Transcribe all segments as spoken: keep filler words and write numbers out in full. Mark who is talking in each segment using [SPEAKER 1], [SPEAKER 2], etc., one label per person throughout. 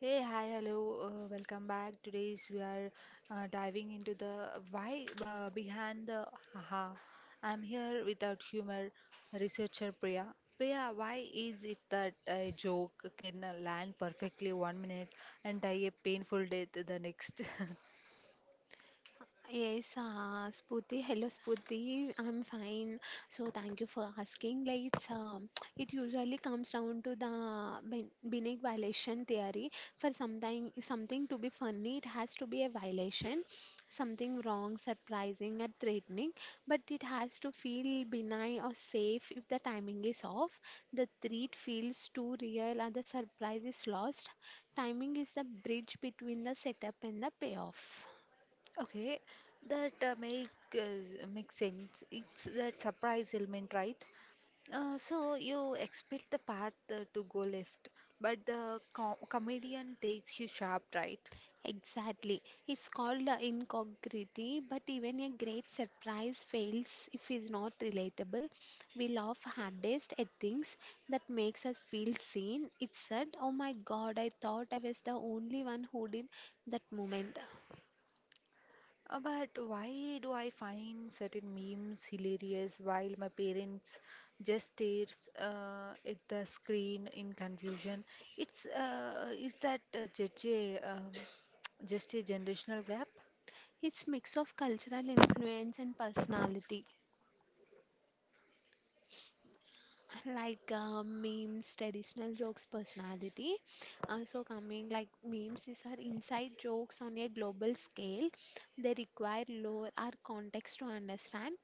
[SPEAKER 1] Hey, hi, hello, uh, welcome back. Today's we are uh, diving into the why uh, behind the haha. I'm here without humor, researcher Priya. Priya, why is it that a joke can uh, land perfectly one minute and die a painful death the next?
[SPEAKER 2] Yes, uh, Spooty. Hello, Spooty. I'm fine. So thank you for asking. Like it's um, it usually comes down to the bin- Binet violation theory. For something something to be funny, it has to be a violation, something wrong, surprising, or threatening. But it has to feel benign or safe if the timing is off. The threat feels too real, and the surprise is lost. Timing is the bridge between the setup and the payoff.
[SPEAKER 1] Okay, that uh, make, uh, makes sense. It's that surprise element, right? Uh, so you expect the path uh, to go left, but the co comedian takes you sharp right.
[SPEAKER 2] Exactly. It's called uh, incongruity, but even a great surprise fails if it's not relatable. We laugh hardest at things that makes us feel seen. It said, "Oh my God, I thought I was the only one who did that moment."
[SPEAKER 1] Uh, but why do I find certain memes hilarious while my parents just stares uh, at the screen in confusion? It's uh, is that uh, just a um, just a generational gap?
[SPEAKER 2] It's mix of cultural influence and personality. Like uh, memes, traditional jokes, personality, uh, so coming like memes, these are inside jokes on a global scale. They require lore or context to understand.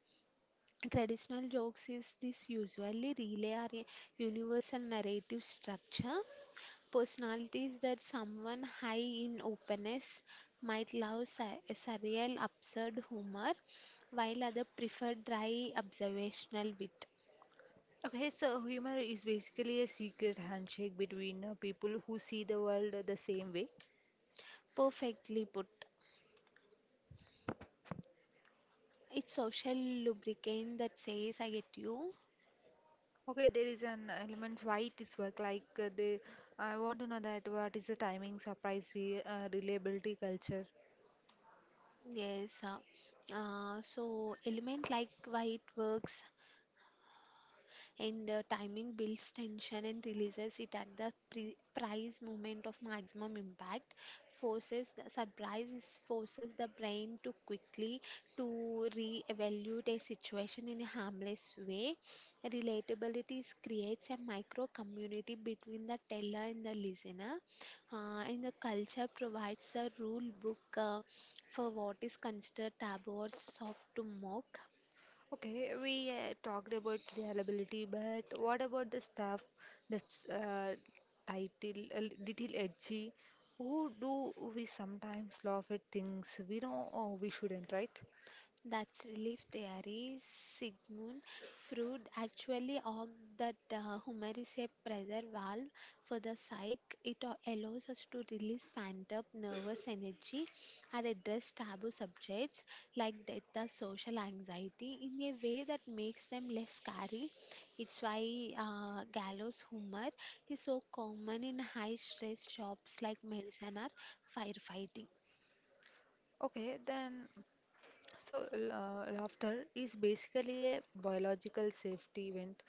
[SPEAKER 2] Traditional jokes is this usually relay or a universal narrative structure. Personalities that someone high in openness might love su- surreal absurd humor, while other prefer dry observational wit.
[SPEAKER 1] Okay, so humor is basically a secret handshake between uh, people who see the world the same way.
[SPEAKER 2] Perfectly put. It's social lubricant that says I get you.
[SPEAKER 1] Okay, there is an elements why it is work like uh, the I want to know that what is the timing, surprise, re, uh, reliability culture.
[SPEAKER 2] Yes. Uh, uh, so element like why it works, and uh, timing builds tension and releases it at the pre- price moment of maximum impact. Forces the surprise is forces the brain to quickly to re-evaluate a situation in a harmless way. Relatability is- creates a micro community between the teller and the listener, uh, and the culture provides a rule book uh, for what is considered taboo or soft to mock.
[SPEAKER 1] Okay, we uh, talked about reliability, but what about the staff that's uh, title a li- little edgy? Who do we sometimes laugh at things we know, oh, we shouldn't, right?
[SPEAKER 2] That's relief theory. Sigmund Freud actually argued that uh, humor is a pressure valve for the psyche. It a- allows us to release pent up nervous energy and address taboo subjects like death or social anxiety in a way that makes them less scary. It's why uh, gallows humor is so common in high stress jobs like medicine or firefighting.
[SPEAKER 1] Okay, then so, la- laughter is basically a biological safety event,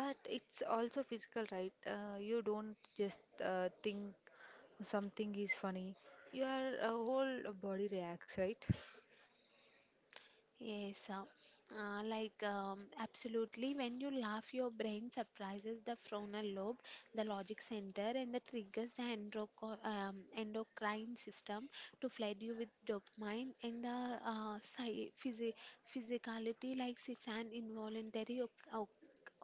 [SPEAKER 1] but it's also physical, right? Uh, you don't just uh, think something is funny, your uh, whole body reacts, right?
[SPEAKER 2] Yes, uh, uh, like um, absolutely. When you laugh, your brain surprises the frontal lobe, the logic center, and that triggers the endroco- um, endocrine system to flood you with dopamine, and the uh, psy- physi- physicality, like it's an involuntary oc- oc-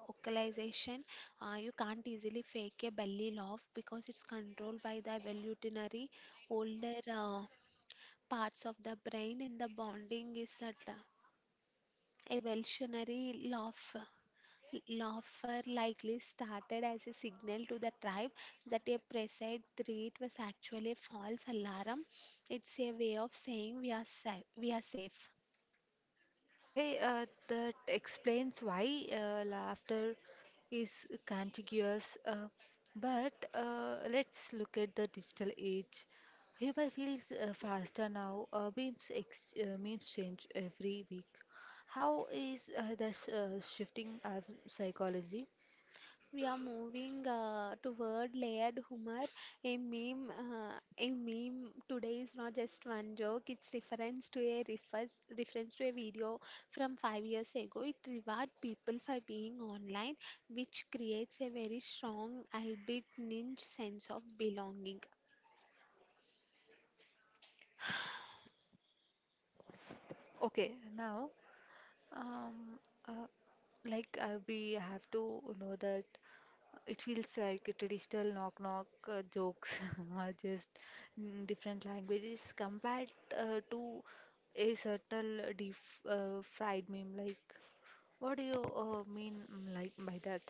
[SPEAKER 2] vocalization. Uh, you can't easily fake a belly laugh because it's controlled by the evolutionary older uh, parts of the brain, and the bonding is subtle. A Welshonary laugh, laugher likely started as a signal to the tribe that a presage threat was actually a false alarm. It's a way of saying we are, sa- we are safe.
[SPEAKER 1] Okay, uh, that explains why uh, laughter is contagious. Uh, but uh, let's look at the digital age. Humor feels uh, faster now. Uh, memes, ex uh, memes change every week. How is uh, that sh uh, shifting our psychology?
[SPEAKER 2] We are moving uh, toward layered humor. A meme, uh, a meme today is not just one joke. It's reference to a refers, reference to a video from five years ago. It rewards people for being online, which creates a very strong, albeit niche sense of belonging.
[SPEAKER 1] Okay, now, um, uh, like uh, we have to know that it feels like a traditional knock knock uh, jokes are just, mm, different languages compared uh, to a certain uh, deep uh, fried meme. Like, what do you uh, mean, mm, like, by that?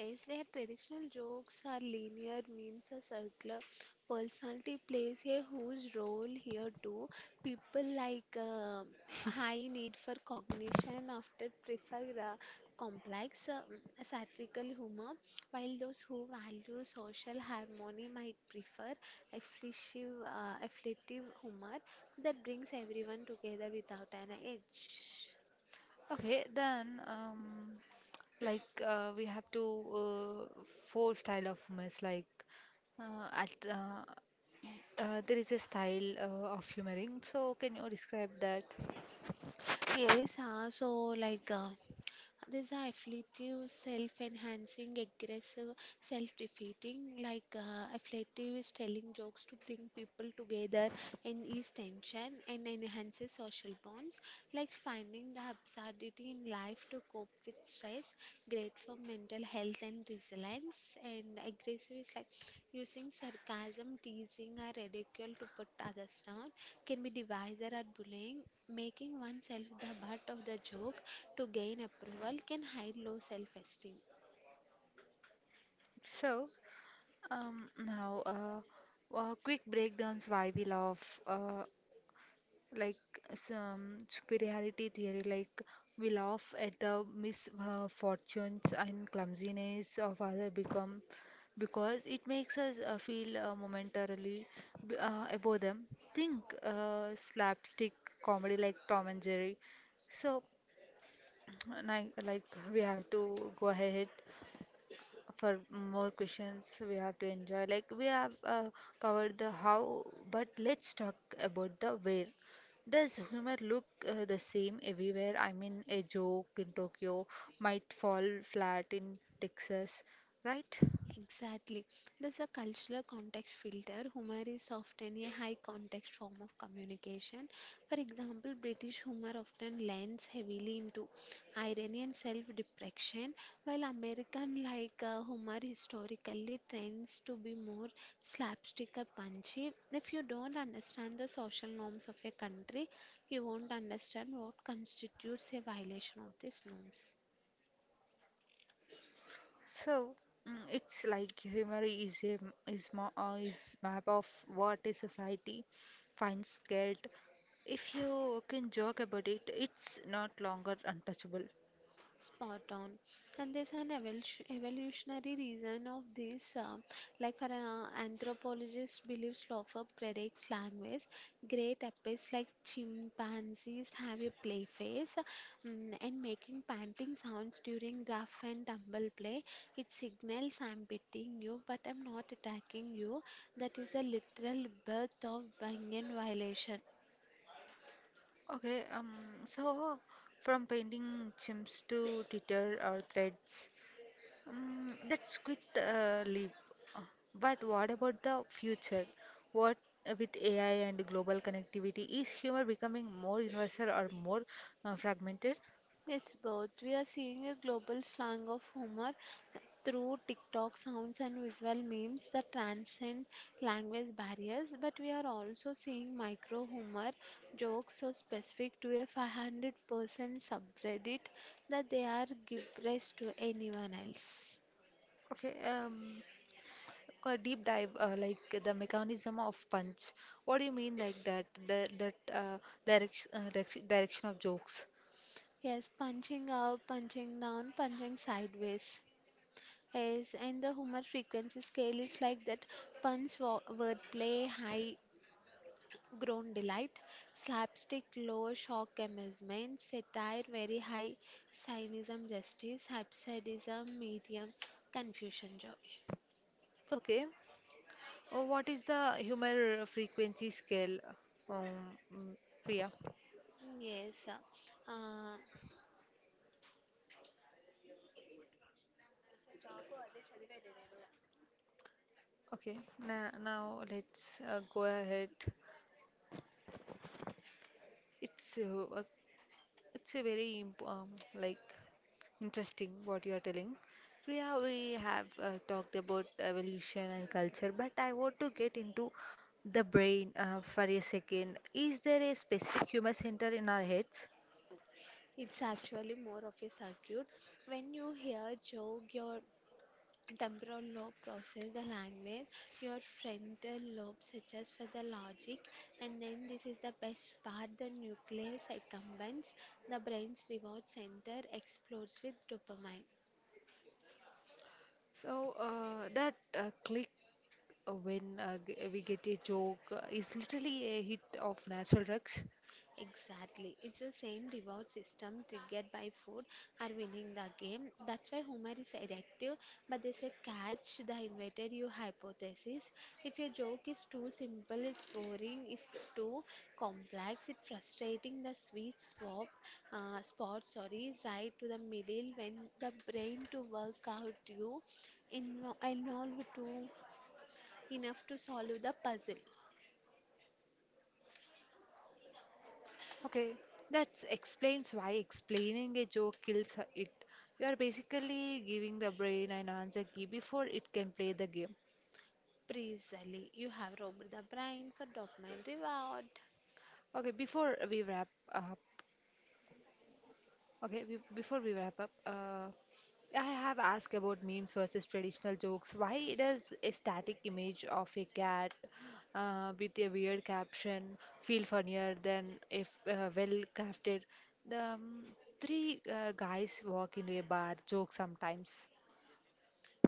[SPEAKER 2] Yes, their traditional jokes are linear, memes are circular. Personality plays a huge role here too. People like uh, high need for cognition often prefer uh, complex, uh, satirical humor, while those who value social harmony might prefer afflictive, uh, afflictive humor that brings everyone together without an edge.
[SPEAKER 1] Okay, then, um, like uh, we have to uh, four style of humors, like uh, at, uh, uh, there is a style uh, of humoring. So can you describe that?
[SPEAKER 2] Yes, uh, so like. Uh, these are afflictive, self-enhancing, aggressive, self-defeating. Like uh, afflictive is telling jokes to bring people together and ease tension and enhances social bonds. Like finding the absurdity in life to cope with stress. Great for mental health and resilience. And aggressive is like using sarcasm, teasing, or ridicule to put others down. Can be devisor or bullying. Making oneself the butt of the joke to gain approval can hide low self esteem.
[SPEAKER 1] So, Um, now, uh, uh, quick breakdowns why we love, uh, like some superiority theory, like.
[SPEAKER 2] Exactly. There's a cultural context filter. Humor is often a high context form of communication. For example, British humor often lends heavily into irony and self deprecation, while American like uh, humor historically tends to be more slapstick or punchy. If you don't understand the social norms of a country, you won't understand what constitutes a violation of these norms. Spot on. And there's an evol- evolutionary reason of this. Uh, like for an anthropologist, believes Slough predicts language. Great apes like chimpanzees have a play face, mm, and making panting sounds during rough and tumble play. It signals I'm beating you, but I'm not attacking you. That is a literal birth of Bangan violation. It's both. We are seeing a global slang of humor through TikTok sounds and visual memes that transcend language barriers, but we are also seeing micro humor jokes so specific to a 500 percent subreddit that they are gibberish to anyone else. Yes, punching up, punching down, punching sideways. Yes, and the humor frequency scale is like that: punch wo- wordplay high, grown delight, slapstick, low shock amusement, satire, very high cynism, justice, absurdism, medium, confusion, joy. Mm, yes, uh, it's actually more of a circuit. When you hear joke, your temporal lobe process the language, your frontal lobe searches for the logic, and then this is the best part, the nucleus accumbens, the brain's reward center explodes with dopamine. Exactly. It's the same reward system triggered by food or winning the game. That's why humor is addictive, but there's a catch: the invited you hypothesis. If your joke is too simple, it's boring. If too complex, it's frustrating. The sweet swap uh, spot, sorry, is right to the middle when the brain to work out you invo- involved too enough to solve the puzzle. Precisely, you have robbed the brain for dopamine reward.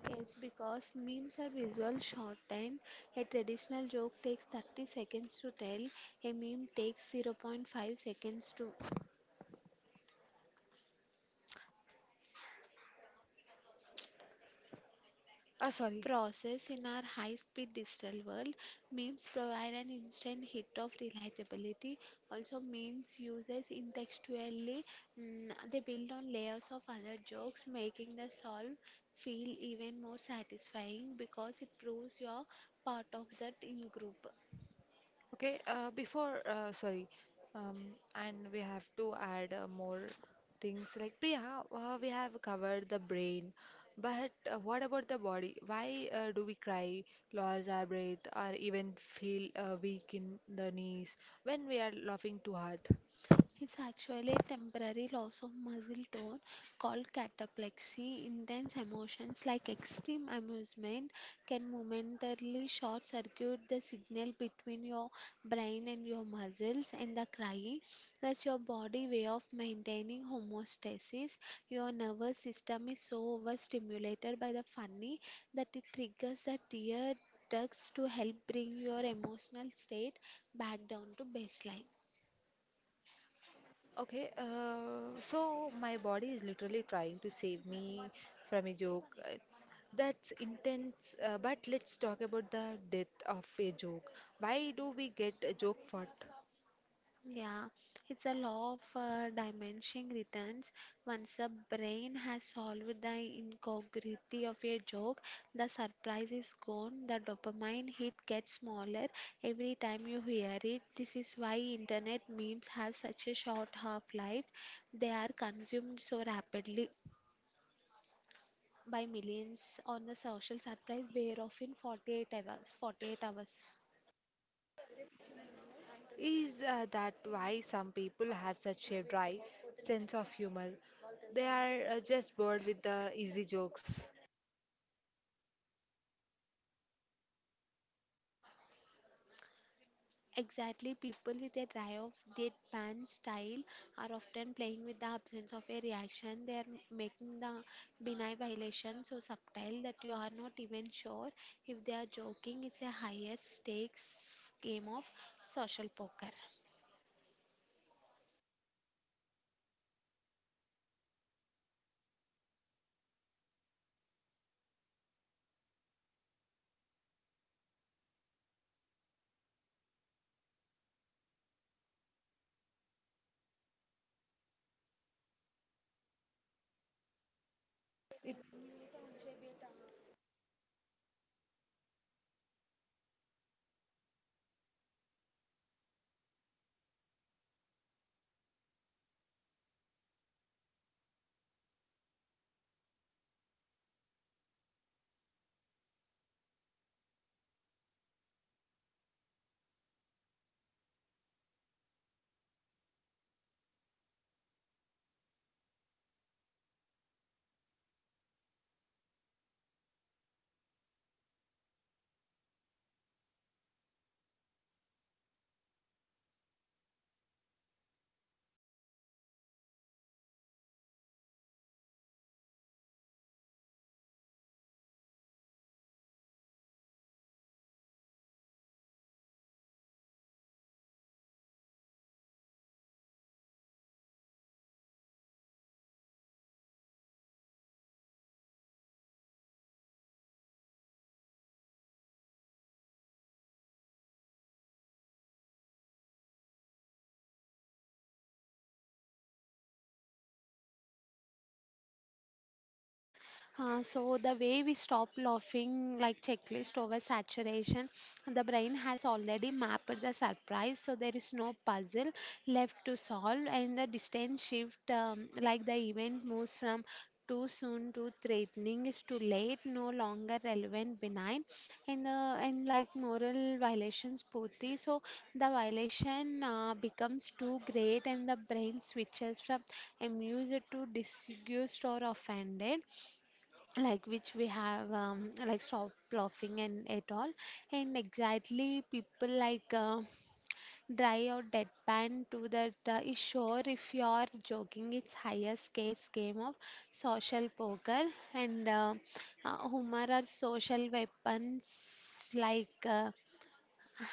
[SPEAKER 2] Yes, because memes are visual shortened. A traditional joke takes thirty seconds to tell, a meme takes zero point zero point five seconds to process in our high-speed digital world. Memes provide an instant hit of relatability. Also, memes uses intextually. Mm, they build on layers of other jokes, making the solve feel even more satisfying because it proves you're part of that in group. It's actually a temporary loss of muscle tone called cataplexy. Intense emotions like extreme amusement can momentarily short circuit the signal between your brain and your muscles, and the crying, that's your body way of maintaining homeostasis. Your nervous system is so overstimulated by the funny that it triggers the tear ducts to help bring your emotional state back down to baseline. Yeah, it's a law of uh, diminishing returns. Once the brain has solved the incongruity of a joke, the surprise is gone. The dopamine hit gets smaller every time you hear it. This is why internet memes have such a short half-life. They are consumed so rapidly by millions on the social surprise where often forty-eight hours. forty-eight hours. Exactly, people with a dry off deadpan style are often playing with the absence of a reaction. They are making the benign violation so subtle that you are not even sure if they are joking. It's a higher stakes game of social poker. Uh, so the way we stop laughing like checklist over saturation, the brain has already mapped the surprise, so there is no puzzle left to solve, and the distant shift um, like the event moves from too soon to threatening is too late, no longer relevant, benign, and the and like moral violations, putti. So the violation uh, becomes too great, and the brain switches from amused to disgusted or offended, like which we have um, like stop laughing and at all, and exactly people like uh, dry or deadpan to that uh, is sure if you are joking, it's highest case game of social poker, and uh, uh, humor are social weapons, like uh,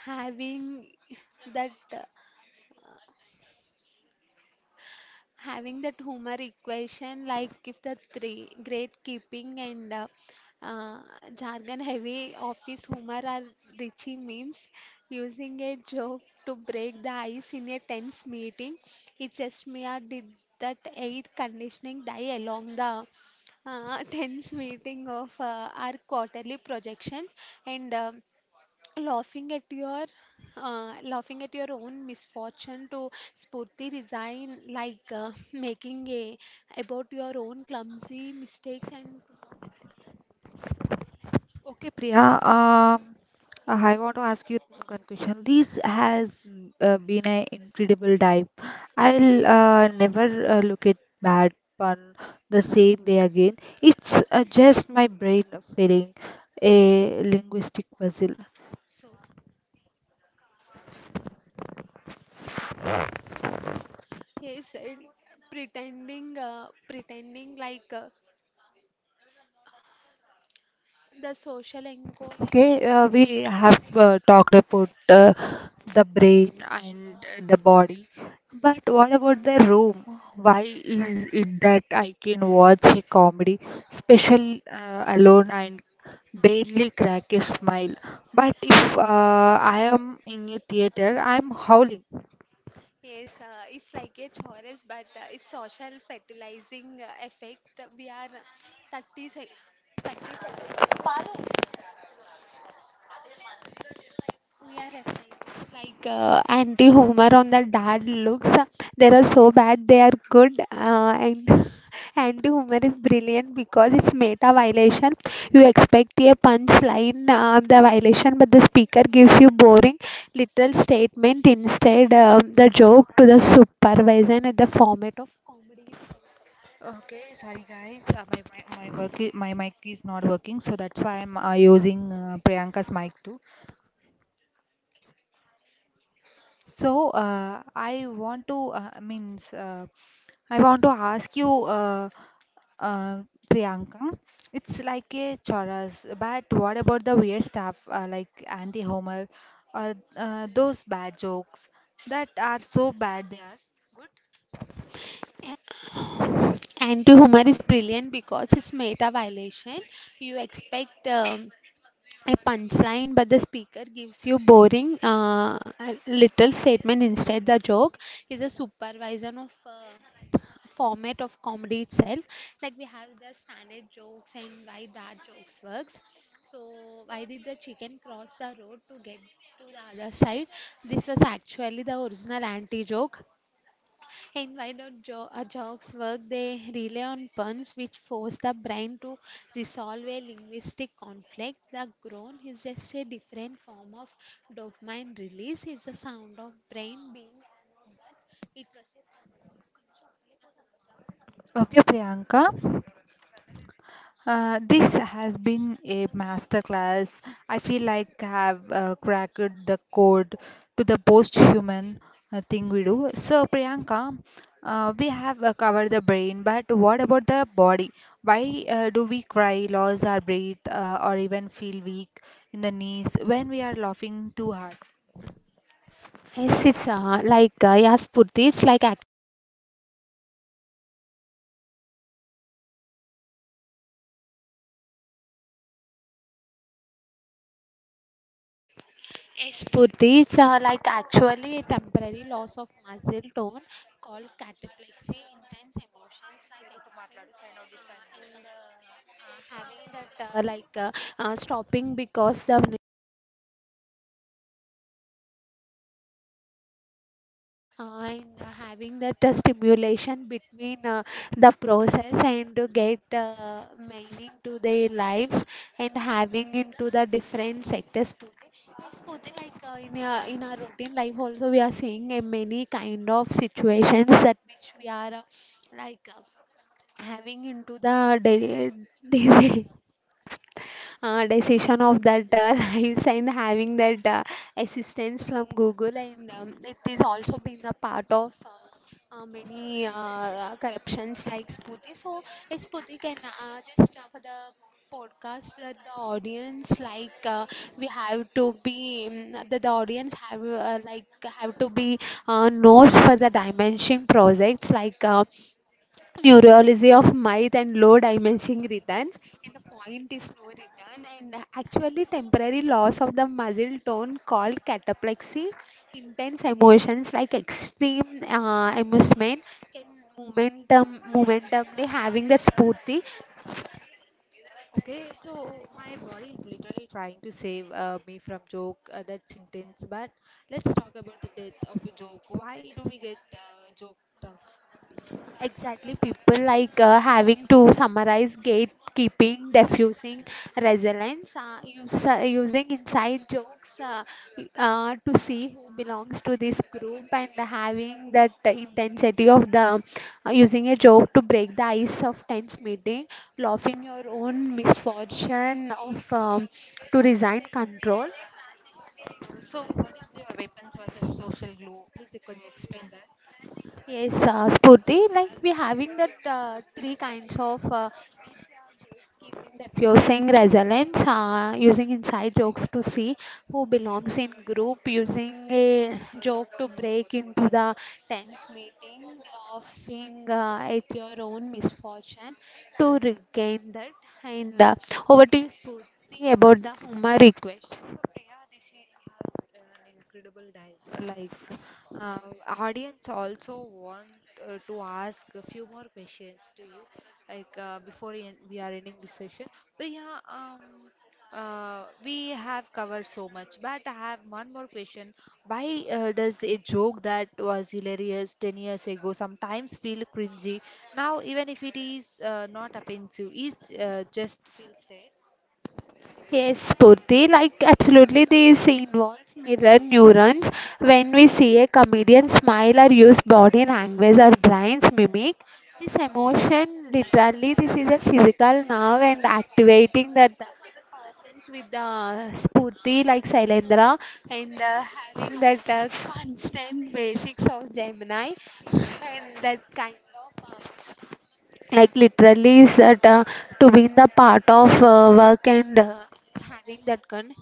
[SPEAKER 2] having that uh, having that humor equation, like if the three great keeping, and uh, uh, jargon heavy office humor are richie memes, using a joke to break the ice in a tense meeting, it just me I did that air conditioning die along the uh, tense meeting of uh, our quarterly projections, and um laughing at your uh, laughing at your own misfortune to spurti resign, like uh, making a about your own clumsy mistakes and okay, Priya, um, I want to ask you one question. This has uh, been an incredible dive. I'll uh, never uh, look at bad pun the same way again. It's uh, just my brain failing a linguistic puzzle. He said pretending, uh, pretending like uh, the social anchor. Okay, uh, we have uh, talked about uh, the brain and uh, the body, but what about the room? Why is it that I can watch a comedy special uh, alone and barely crack a smile? But if uh, I am in a theater, I am howling. Yes, uh, it's like a chorus, but uh, it's social fertilizing uh, effect. We are thirty sec thirty seconds. We are affected like uh, anti-humor on the dad looks. uh, They are so bad, they are good. Uh, and anti-humor is brilliant because it's meta violation. You expect a punchline uh, the violation, but the speaker gives you boring little statement instead. Um, the joke to the supervisor and the format of comedy. Okay, sorry guys, uh, my bri- my work I- my mic is not working, so that's why I'm uh, using uh, Priyanka's mic too. So uh, I want to uh, means uh, I want to ask you, uh, uh, Priyanka. It's like a chorus, but what about the weird stuff uh, like anti-Homer or uh, uh, those bad jokes that are so bad there? Anti-humor is brilliant because it's meta violation. You expect um, a punchline, but the speaker gives you boring uh, a little statement instead. The joke is a supervision of uh, format of comedy itself. Like we have the standard jokes and why that jokes works. So why did the chicken cross the road to get to the other side? This was actually the original anti-joke and why not jo- uh, jokes work? They rely on puns, which force the brain to resolve a linguistic conflict. The groan is just a different form of dopamine release. It's the sound of brain being. It was a. Okay, Priyanka. Uh, this has been a masterclass. I feel like I have uh, cracked the code to the post human uh, thing we do. So, Priyanka, uh, we have uh, covered the brain, but what about the body? Why uh, do we cry, lose our breath, uh, or even feel weak in the knees when we are laughing too hard? Yes, it's uh, like uh, yeah, Spurti, it's like. Yes, Purti, it's uh, like actually a temporary loss of muscle tone called cataplexy, intense emotions like extreme and uh, uh, having that uh, like uh, uh, stopping because of. Uh, and uh, Having that uh, stimulation between uh, the process and to get uh, meaning to their lives and having into the different sectors Pooja. Yes, Pooja, like uh, in, our, in our routine life also we are seeing uh, many kind of situations that which we are uh, like uh, having into the daily disease uh, decision of that uh, lives and having that uh, assistance from Google and um, it is also been a part of uh, uh, many uh, uh, corruptions like Spooty. So yes, Spooty can uh, just uh, for the podcast that the audience like uh, we have to be mm, that the audience have uh, like have to be uh, knows for the dimension projects like uh, plurality of might and low diminishing returns and the point is no return and actually temporary loss of the muscle tone called cataplexy, intense emotions like extreme uh, amusement in momentum momentumly having that spurti. Okay, so my body is literally trying to save uh, me from joke uh, that's intense. But let's talk about the death of a joke. Why do we get uh, joke tough? Exactly, people like uh, having to summarize gatekeeping, diffusing resilience, uh, use, uh, using inside jokes uh, uh, to see who belongs to this group, and having that intensity of the uh, using a joke to break the ice of tense meeting, laughing your own misfortune of um, to resign control. So, what is your weapons versus social glue? Please, uh, could you explain that? Yes, uh, Spurti, like we having that uh, three kinds of uh, diffusing resilience, uh, using inside jokes to see who belongs in group, using a joke to break into the tense meeting, laughing uh, at your own misfortune to regain that. And uh, over to you, Spurti, about the humor request an incredible dive. Like, uh, audience also want uh, to ask a few more questions to you, like uh, before we, en- we are ending this session. Priya, um, uh, we have covered so much, but I have one more question. Why uh, does a joke that was hilarious ten years ago sometimes feel cringy now, even if it is uh, not offensive, it uh, just feels strange? Yes, Purti, like absolutely this involves mirror neurons. When we see a comedian smile or use body language, our brains mimic this emotion, literally this is a physical nerve and activating that persons with uh, Spurti like Sailendra and uh, having that uh, constant basics of Gemini and that kind of uh, like literally is that uh, to be in the part of uh, work and uh, having that gun.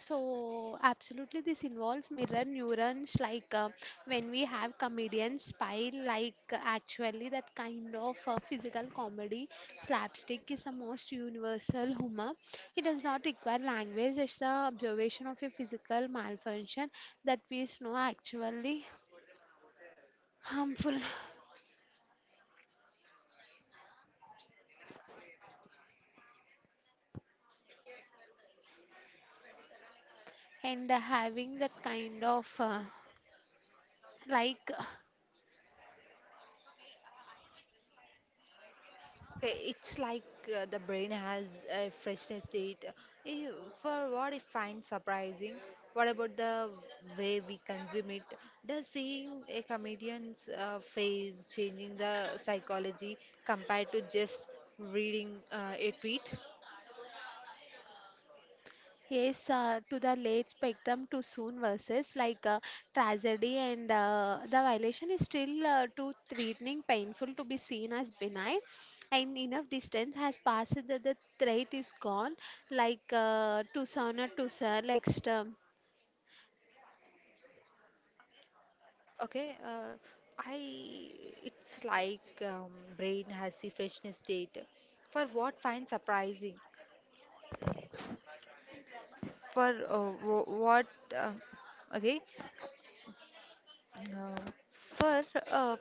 [SPEAKER 2] So, absolutely, this involves mirror neurons. Like uh, when we have comedians spy, like uh, actually, that kind of uh, physical comedy slapstick is the most universal humor. It does not require language, it's the observation of a physical malfunction that we know actually harmful. And uh, having that kind of uh, like.
[SPEAKER 1] Okay, it's like uh, the brain has a freshness date. Eh, for what I find surprising, what about the way we consume it? Does seeing a comedian's uh, face changing the psychology compared to just reading uh, a tweet?
[SPEAKER 2] Yes, uh, to the late spectrum to soon versus like uh, tragedy and uh, the violation is still uh, too threatening, painful to be seen as benign, and enough distance has passed that the threat is gone, like uh, to sound or to sound like storm.
[SPEAKER 1] Okay, uh, I it's like, um, brain has the freshness date. For what find surprising? For uh, wh- what? Uh, okay Uh, for uh,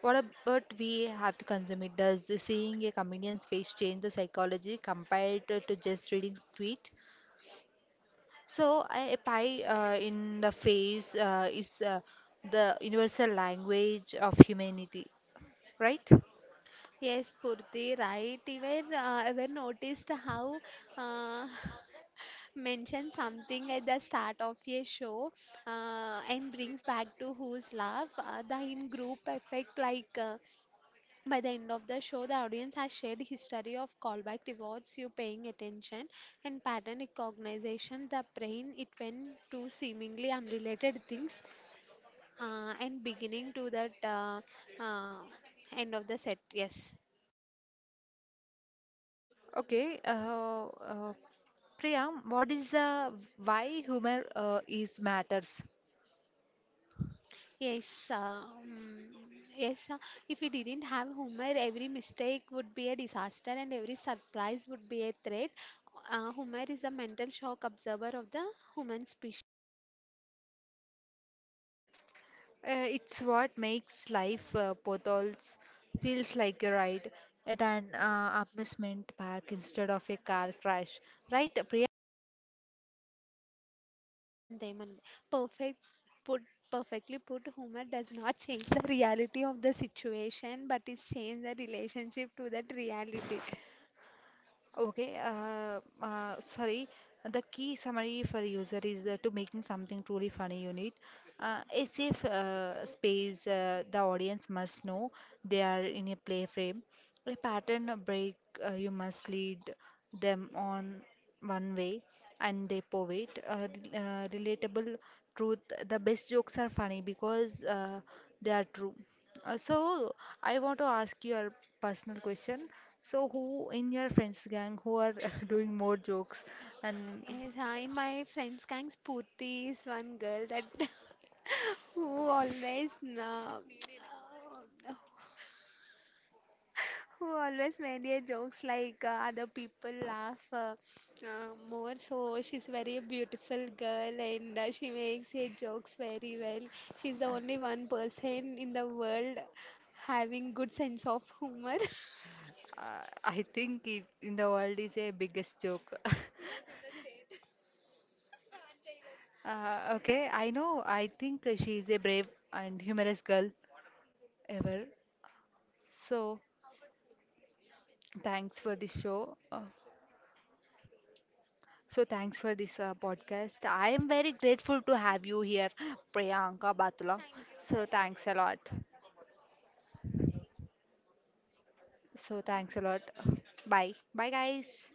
[SPEAKER 1] what about we have to consume it? Does seeing a comedian's face change the psychology compared to, to just reading tweet? So a pie uh, in the face uh, is uh, the universal language of humanity, right?
[SPEAKER 2] Yes, Purti, right. Even uh, ever noticed how uh, mention something at the start of a show uh, and brings back to whose laugh uh, the in group effect like uh, by the end of the show the audience has shared history of callback rewards you paying attention and pattern recognition the brain it went to seemingly unrelated things uh, and beginning to that uh, uh, end of the set yes.
[SPEAKER 1] Okay. Uh, uh, Priya, what is the why humor uh, is matters?
[SPEAKER 2] Yes, uh, mm, yes. uh, If we didn't have humor, every mistake would be a disaster and every surprise would be a threat. Uh, Homer is a mental shock observer of the human species.
[SPEAKER 1] Uh, it's what makes life uh, potholes feels like a ride at an uh, amusement park instead of a car crash, right?
[SPEAKER 2] And they're perfect put, perfectly put, humor does not change the reality of the situation, but it changes the relationship to that reality.
[SPEAKER 1] Okay, uh, uh, sorry. The key summary for user is uh, to making something truly funny. You need uh, a safe uh, space. Uh, the audience must know they are in a play frame. A pattern break. Uh, you must lead them on one way, and they poet. Uh, re- uh, relatable truth. The best jokes are funny because uh, they are true. Uh, so I want to ask you a personal question. So who in your friends gang who are doing more jokes and
[SPEAKER 2] Yes, uh, in my friend's gang, Spurti is one girl that who always uh, who always made a jokes like uh, other people laugh uh, uh, more, so she's very beautiful girl and uh, she makes her jokes very well. She's the
[SPEAKER 1] uh,
[SPEAKER 2] only one person in the world having good sense of humor
[SPEAKER 1] uh, I think it in the world is a biggest joke. Uh, okay, I know. I think she is a brave and humorous girl ever. So thanks for this show. Uh, so thanks for this uh, podcast. I am very grateful to have you here, Priyanka Batula. So thanks a lot. So thanks a lot. Bye. Bye, guys.